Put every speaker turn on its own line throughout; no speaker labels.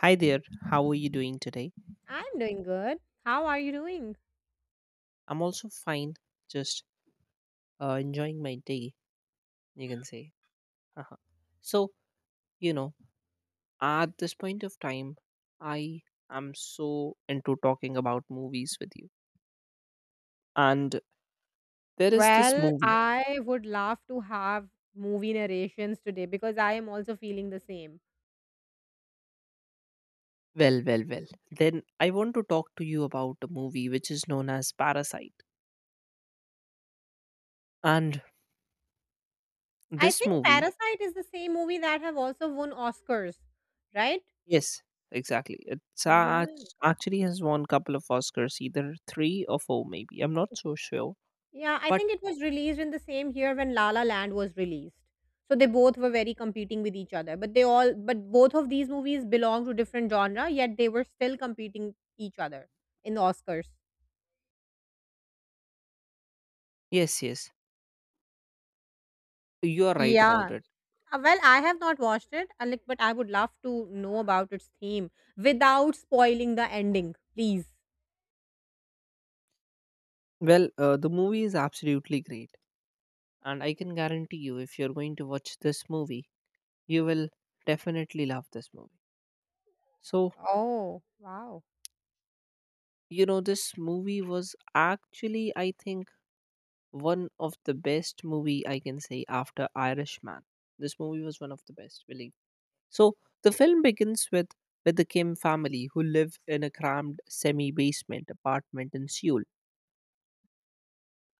Hi there, how are you doing today?
I'm doing good. How are you doing?
I'm also fine, just enjoying my day, you can say. Haha. so, you know, at this point of time, I am so into talking about movies with you. And there is this
Well,
movie,
I would love to have movie narrations today because I am also feeling the same.
well, well, well. Then I want to talk to you about a movie which is known as Parasite. And
I
this
think
movie,
Parasite is the same movie that have also won Oscars, right?
yes, exactly.
Yeah.
Actually has won couple of Oscars, either three or four, maybe. I'm not so sure.
Yeah, I think
But
it was released in the same year when La La Land was released. So they both were very competing with each other, but they all but both of these movies belong to different genre, yet they were still competing each other in the Oscars.
yes, yes, you are right about
Yeah,
it.
Well, I have not watched it, like, but I would love to know about its theme without spoiling the ending, please.
Well, the movie is absolutely great, and I can guarantee you, if you're going to watch this movie, you will definitely love this movie. So,
Oh, wow.
this movie was actually, I think, one of the best movie I can say after Irishman. This movie was one of the best, believe. So, the film begins with the Kim family who live in a cramped semi-basement apartment in Seoul.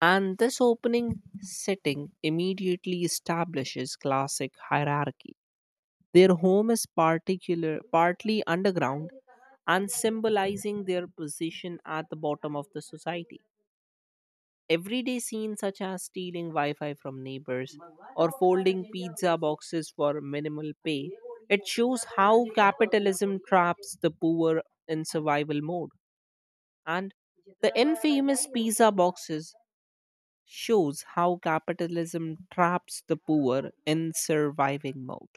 And this opening setting immediately establishes classic hierarchy. Their home is particular, partly underground and symbolizing their position at the bottom of the society. Everyday scenes such as stealing Wi Fi from neighbors or folding pizza boxes for minimal pay, it shows how capitalism traps the poor in survival mode. And the infamous pizza boxes shows how capitalism traps the poor in surviving mode.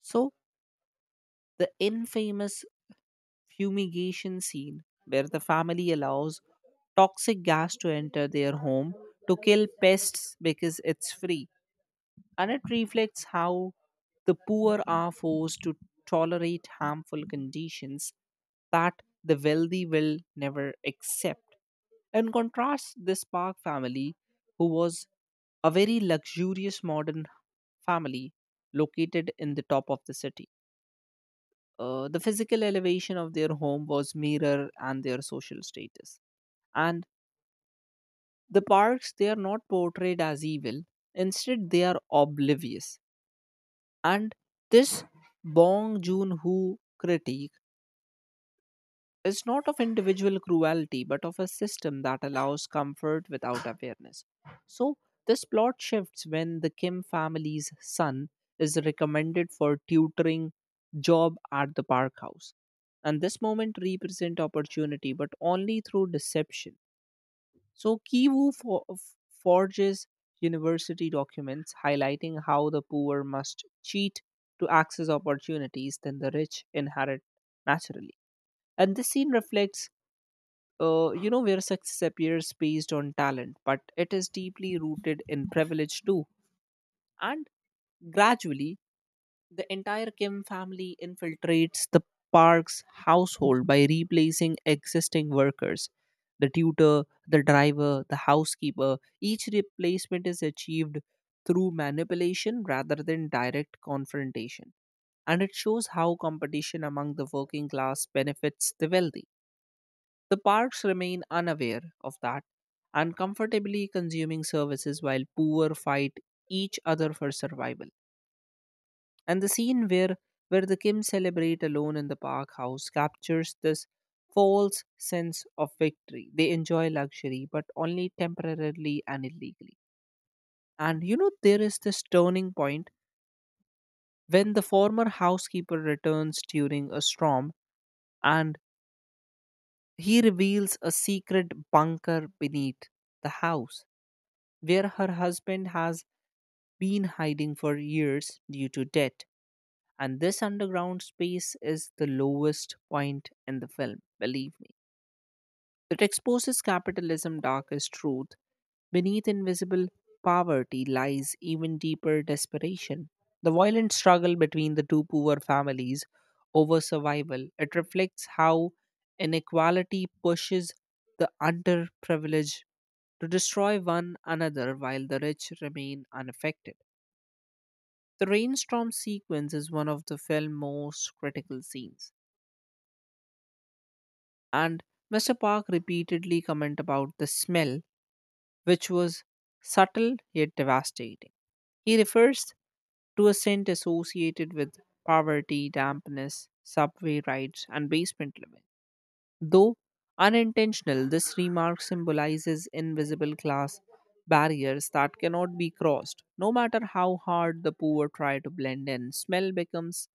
So, the infamous fumigation scene, where the family allows toxic gas to enter their home to kill pests because it's free, and it reflects how the poor are forced to tolerate harmful conditions that the wealthy will never accept. In contrast, this Park family, who was a very luxurious modern family located in the top of the city, the physical elevation of their home was mirror and their social status. And the parks, they are not portrayed as evil. Instead, they are oblivious. And this Bong Joon-ho critique is not of individual cruelty but of a system that allows comfort without awareness. So, this plot shifts when the Kim family's son is recommended for tutoring job at the park house. And this moment represent opportunity but only through deception. So, forges university documents highlighting how the poor must cheat to access opportunities than the rich inherit naturally. And this scene reflects you know, where success appears based on talent, but it is deeply rooted in privilege too. And gradually, the entire Kim family infiltrates the Park's household by replacing existing workers. The tutor, the driver, the housekeeper, each replacement is achieved through manipulation rather than direct confrontation. And it shows how competition among the working class benefits the wealthy. The parks remain unaware of that and comfortably consuming services while poor fight each other for survival. And the scene where the Kim celebrate alone in the park house captures this false sense of victory. They enjoy luxury, but only temporarily and illegally. And you know, there is this turning point when the former housekeeper returns during a storm and he reveals a secret bunker beneath the house where her husband has been hiding for years due to debt. And this underground space is the lowest point in the film, believe me. It exposes capitalism's darkest truth. Beneath invisible poverty lies even deeper desperation. The violent struggle between the two poor families over survival, it reflects how inequality pushes the underprivileged to destroy one another while the rich remain unaffected. The rainstorm sequence is one of the film's most critical scenes, and Mr. Park repeatedly commented about the smell, which was subtle yet devastating. He refers to a scent associated with poverty, dampness, subway rides, and basement living. Though unintentional, this remark symbolizes invisible class barriers that cannot be crossed. No matter how hard the poor try to blend in, smell becomes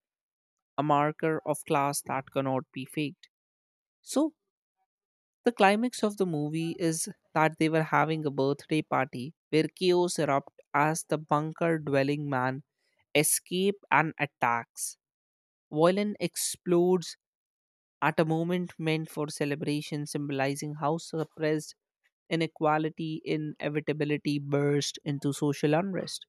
a marker of class that cannot be faked. So, the climax of the movie is that they were having a birthday party where chaos erupts as the bunker dwelling man escape and attacks. Violin explodes at a moment meant for celebration, symbolizing how suppressed inequality inevitability burst into social unrest.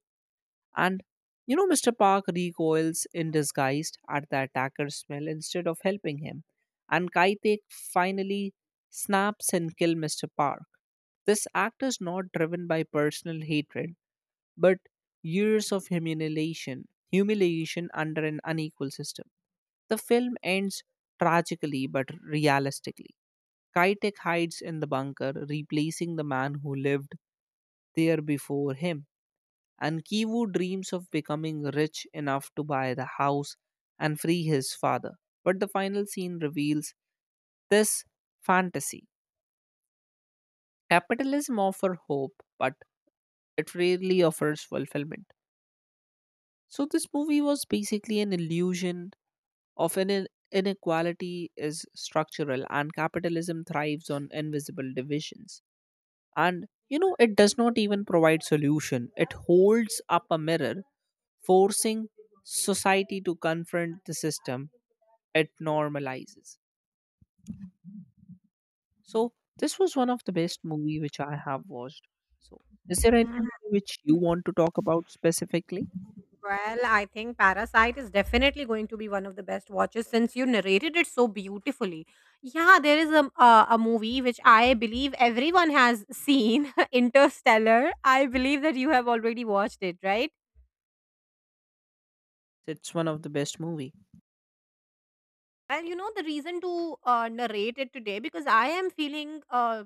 And you know, Mr. Park recoils in disgust at the attacker's smell instead of helping him. And Kaitek finally snaps and kills Mr. Park. This act is not driven by personal hatred, but years of humiliation, humiliation under an unequal system. The film ends tragically but realistically. Kitek hides in the bunker, replacing the man who lived there before him, and Kivu dreams of becoming rich enough to buy the house and free his father. But the final scene reveals this fantasy. Capitalism offers hope, but it rarely offers fulfillment. So, this movie was basically an illusion of an inequality is structural and capitalism thrives on invisible divisions. And you know, it does not even provide solution, it holds up a mirror, forcing society to confront the system it normalizes. So this was one of the best movie which I have watched. So is there any
Mm.
movie which you want to talk about specifically?
Well, I think Parasite is definitely going to be one of the best watches since you narrated it so beautifully. Yeah, there is a, a movie which I believe everyone has seen, Interstellar. I believe that you have already watched it, right?
It's one of the best movie.
Well, you know the reason to narrate it today because I am feeling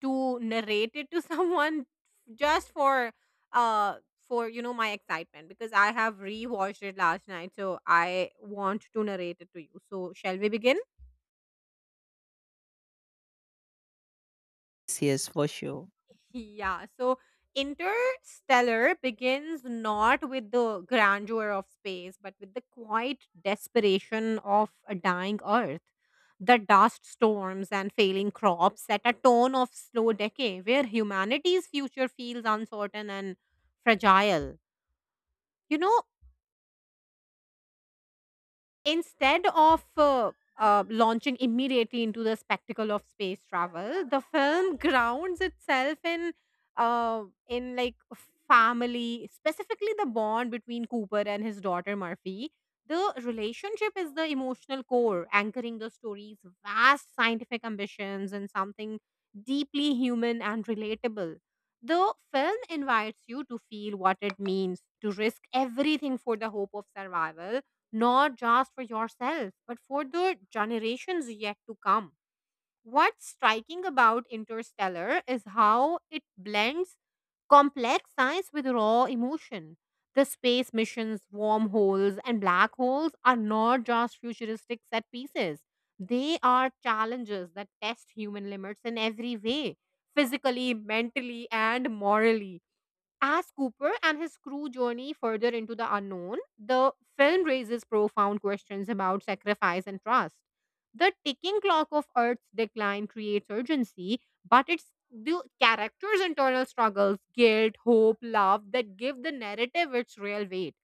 to narrate it to someone just for uh for my excitement because I have rewatched it last night, so I want to narrate it to you. So shall we begin?
Yes, for sure.
Yeah. So Interstellar begins not with the grandeur of space but with the quiet desperation of a dying earth. The dust storms and failing crops set a tone of slow decay where humanity's future feels uncertain and fragile. You know, instead of launching immediately into the spectacle of space travel, the film grounds itself in uh, in like family, specifically the bond between Cooper and his daughter Murphy. The relationship is the emotional core, anchoring the story's vast scientific ambitions in something deeply human and relatable. The film invites you to feel what it means to risk everything for the hope of survival, not just for yourself, but for the generations yet to come. What's striking about Interstellar is how it blends complex science with raw emotion. The space missions, wormholes, and black holes are not just futuristic set pieces. They are challenges that test human limits in every way, physically, mentally, and morally. As Cooper and his crew journey further into the unknown, the film raises profound questions about sacrifice and trust. The ticking clock of Earth's decline creates urgency, but it's the characters' internal struggles, guilt, hope, love, that give the narrative its real weight.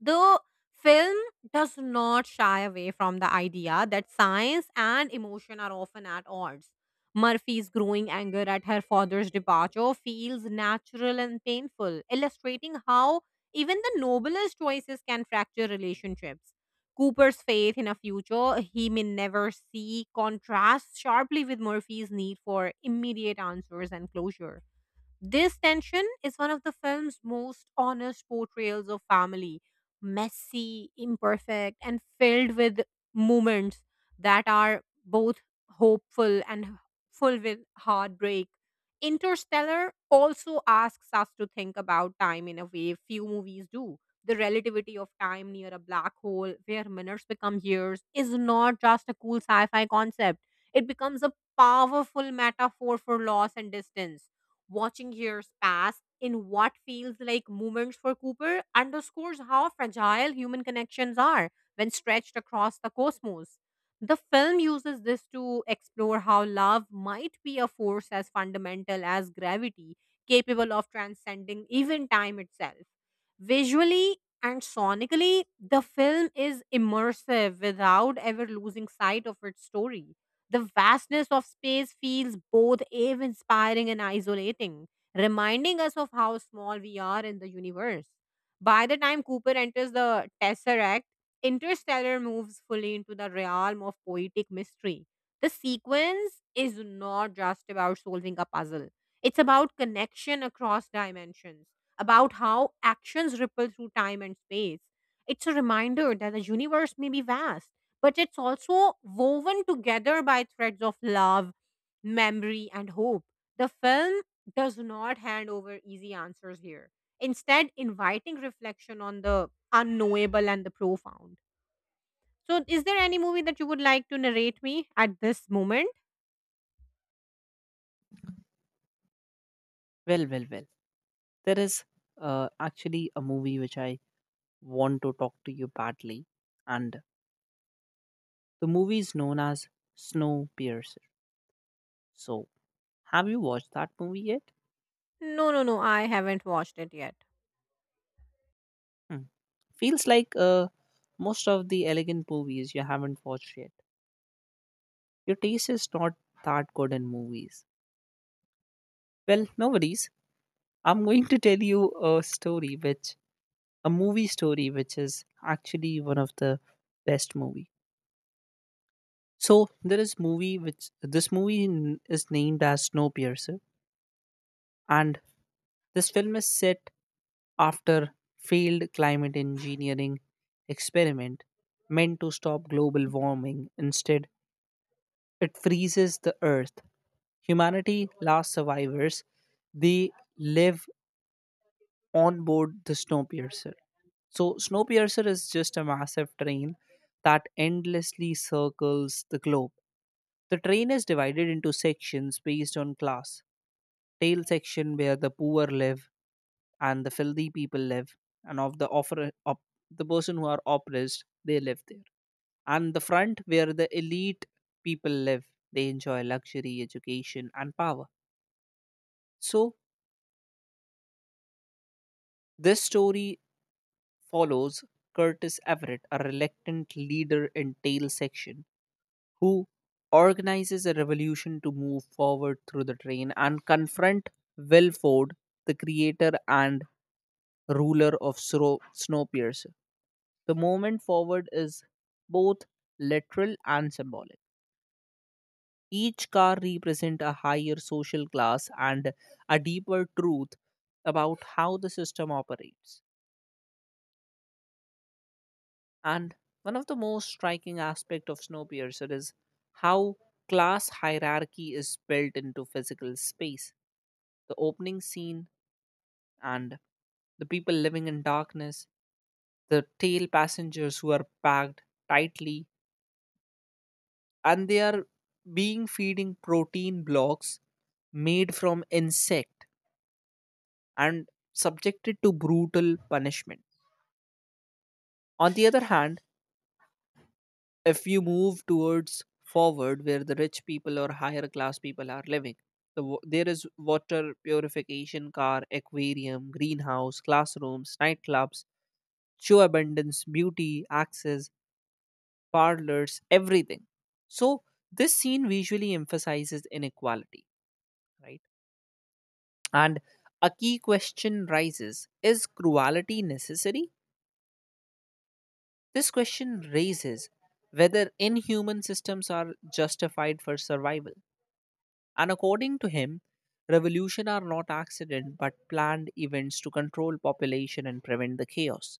The film does not shy away from the idea that science and emotion are often at odds. Murphy's growing anger at her father's departure feels natural and painful, illustrating how even the noblest choices can fracture relationships. Cooper's faith in a future he may never see contrasts sharply with Murphy's need for immediate answers and closure. This tension is one of the film's most honest portrayals of family: messy, imperfect, and filled with moments that are both hopeful and full with heartbreak. Interstellar also asks us to think about time in a way few movies do. The relativity of time near a black hole, where minutes become years, is not just a cool sci fi concept, it becomes a powerful metaphor for loss and distance. Watching years pass in what feels like moments for Cooper underscores how fragile human connections are when stretched across the cosmos. The film uses this to explore how love might be a force as fundamental as gravity, capable of transcending even time itself. Visually and sonically, the film is immersive without ever losing sight of its story. The vastness of space feels both awe inspiring and isolating, reminding us of how small we are in the universe. By the time Cooper enters the Tesseract, Interstellar moves fully into the realm of poetic mystery. The sequence is not just about solving a puzzle, it's about connection across dimensions, about how actions ripple through time and space. It's a reminder that the universe may be vast, but it's also woven together by threads of love, memory, and hope. The film does not hand over easy answers here; instead, inviting reflection on the unknowable and the profound. So, is there any movie that you would like to narrate me at this moment?
Well, well, well. There is actually a movie which I want to talk to you badly, and the movie is known as Snowpiercer. So, have you watched that movie yet?
No, no, no, I haven't watched it yet.
Hmm. Feels like most of the elegant movies you haven't watched yet. Your taste is not that good in movies. Well, no worries. I'm going to tell you a story, which a movie story, which is actually one of the best movies. So there is movie which this movie is named as Snowpiercer, and this film is set after failed climate engineering experiment meant to stop global warming. Instead, it freezes the Earth. Humanity last survivors they live on board the Snowpiercer. So Snowpiercer is just a massive train that endlessly circles the globe. The train is divided into sections based on class. Tail section where the poor live and the filthy people live, and of the offer op, the person who are oppressed, they live there. And the front where the elite people live, they enjoy luxury, education, and power. So this story follows Curtis Everett, a reluctant leader in tail section who organizes a revolution to move forward through the train and confront Wilford, the creator and ruler of Snowpiercer. The moment forward is both literal and symbolic. Each car represents a higher social class and a deeper truth about how the system operates. And one of the most striking aspects of Snowpiercer is how class hierarchy is built into physical space. The opening scene and the people living in darkness, the tail passengers who are packed tightly, and they are being feeding protein blocks made from insect and subjected to brutal punishment. On the other hand, if you move towards forward where the rich people or higher class people are living there is water purification car, aquarium, greenhouse, classrooms, nightclubs, show abundance, beauty, access, parlors, everything. So this scene visually emphasizes inequality, right? And a key question rises, is cruelty necessary? This question raises whether inhuman systems are justified for survival. And according to him, revolution are not accident but planned events to control population and prevent the chaos.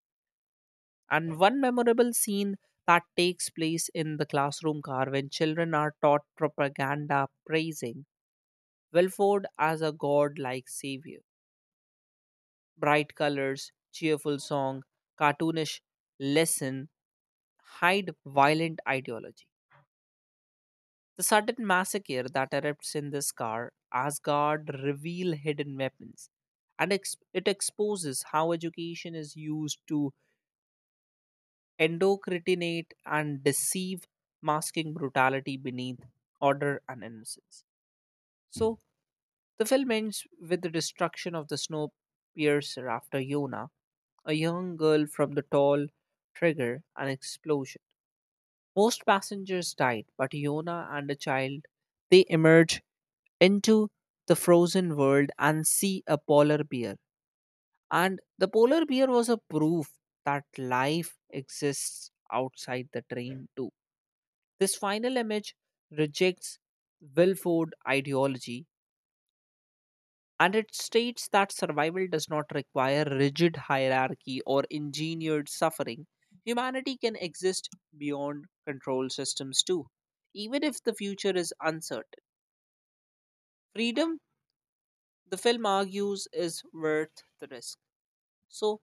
And one memorable scene that takes place in the classroom car when children are taught propaganda praising Wilford as a god-like savior. Bright colors, cheerful song, cartoonish lesson hide violent ideology. The sudden massacre that erupts in this car, Asgard reveal hidden weapons, and it exposes how education is used to endocrinate and deceive, masking brutality beneath order and innocence. So the film ends with the destruction of the snow piercer after Yona, a young girl from the tall trigger an explosion. Most passengers died, but Yona and a child they emerge into the frozen world and see a polar bear. And the polar bear was a proof that life exists outside the train, too. This final image rejects Wilford ideology and it states that survival does not require rigid hierarchy or engineered suffering. Humanity can exist beyond control systems, too, even if the future is uncertain. Freedom, the film argues, is worth the risk. So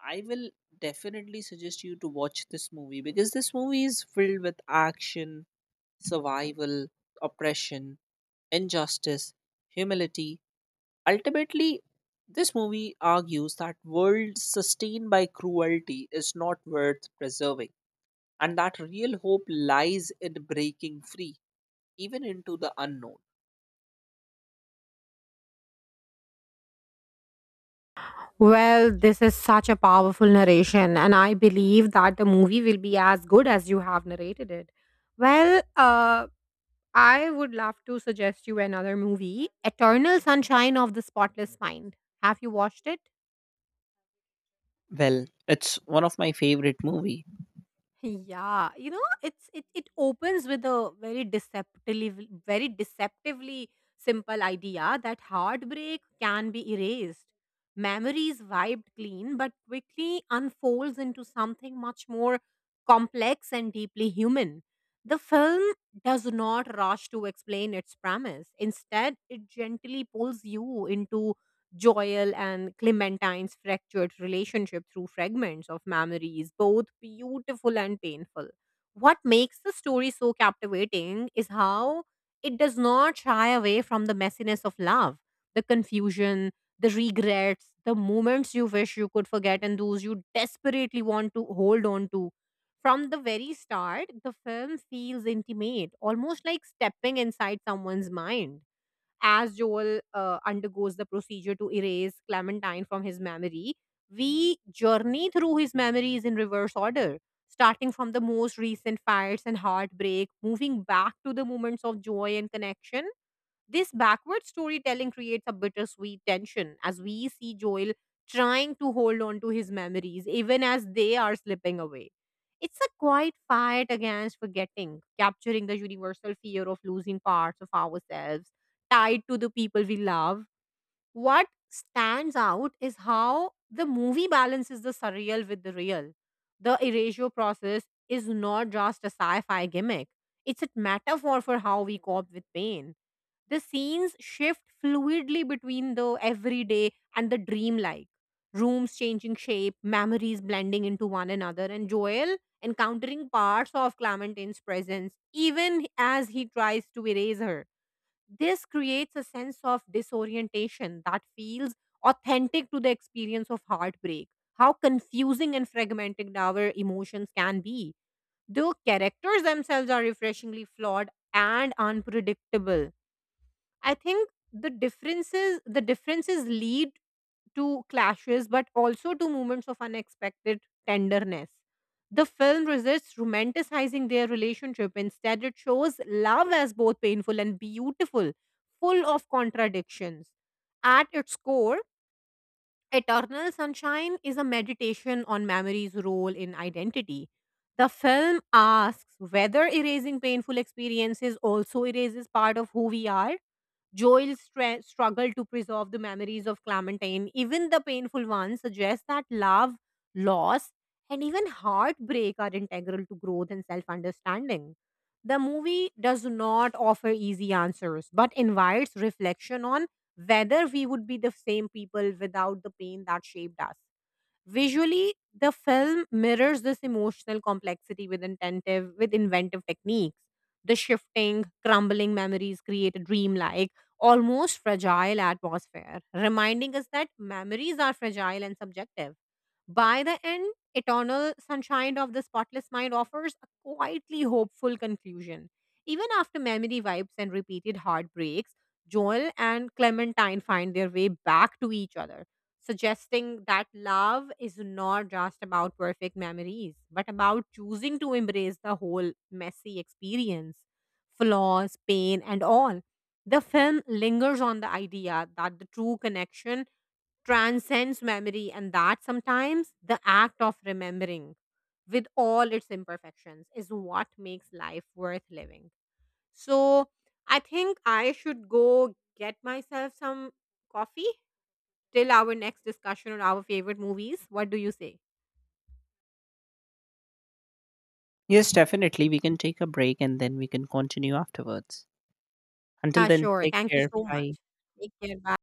I will definitely suggest you to watch this movie because this movie is filled with action, survival, oppression, injustice, humility. Ultimately, this movie argues that world sustained by cruelty is not worth preserving and that real hope lies in breaking free even into the unknown.
Well, this is such a powerful narration, and I believe that the movie will be as good as you have narrated it. Well, I would love to suggest you another movie, Eternal Sunshine of the Spotless Mind. Have you watched it?
Well, it's one of my favorite movie.
Yeah, you know, it opens with a very deceptively simple idea that heartbreak can be erased, memories wiped clean, but quickly unfolds into something much more complex and deeply human. The film does not rush to explain its premise. Instead, it gently pulls you into Joel and Clementine's fractured relationship through fragments of memories, both beautiful and painful. What makes the story so captivating is how it does not shy away from the messiness of love, the confusion, the regrets, the moments you wish you could forget, and those you desperately want to hold on to. From the very start, the film feels intimate, almost like stepping inside someone's mind. As Joel undergoes the procedure to erase Clementine from his memory, we journey through his memories in reverse order, starting from the most recent fights and heartbreak, moving back to the moments of joy and connection. This backward storytelling creates a bittersweet tension as we see Joel trying to hold on to his memories even as they are slipping away. It's a quiet fight against forgetting, capturing the universal fear of losing parts of ourselves tied to the people we love. What stands out is how the movie balances the surreal with the real. The erasure process is not just a sci fi gimmick, it's a metaphor for how we cope with pain. The scenes shift fluidly between the everyday and the dreamlike. Rooms changing shape, memories blending into one another, and Joel encountering parts of Clementine's presence, even as he tries to erase her. This creates a sense of disorientation that feels authentic to the experience of heartbreak, how confusing and fragmented our emotions can be. The characters themselves are refreshingly flawed and unpredictable. I think the differences lead to clashes but also to moments of unexpected tenderness. The film resists romanticizing their relationship. Instead, it shows love as both painful and beautiful, full of contradictions. At its core, Eternal Sunshine is a meditation on memory's role in identity. The film asks whether erasing painful experiences also erases part of who we are. Joel's struggle to preserve the memories of Clementine, even the painful ones, suggests that love, loss, and even heartbreak are integral to growth and self understanding. The movie does not offer easy answers, but invites reflection on whether we would be the same people without the pain that shaped us. Visually, the film mirrors this emotional complexity with inventive techniques. The shifting, crumbling memories create a dreamlike, almost fragile atmosphere, reminding us that memories are fragile and subjective. By the end, Eternal Sunshine of the Spotless Mind offers a quietly hopeful conclusion. Even after memory wipes and repeated heartbreaks, Joel and Clementine find their way back to each other, suggesting that love is not just about perfect memories, but about choosing to embrace the whole messy experience, flaws, pain, and all. The film lingers on the idea that the true connection transcends memory, and that sometimes the act of remembering with all its imperfections is what makes life worth living. So I think I should go get myself some coffee till our next discussion on our favorite movies. What do you say?
Yes, definitely. We can take a break and then we can continue afterwards. Until
Yeah,
then,
sure.
take
Thank you
care.
so
Bye.
much. Take care. Bye.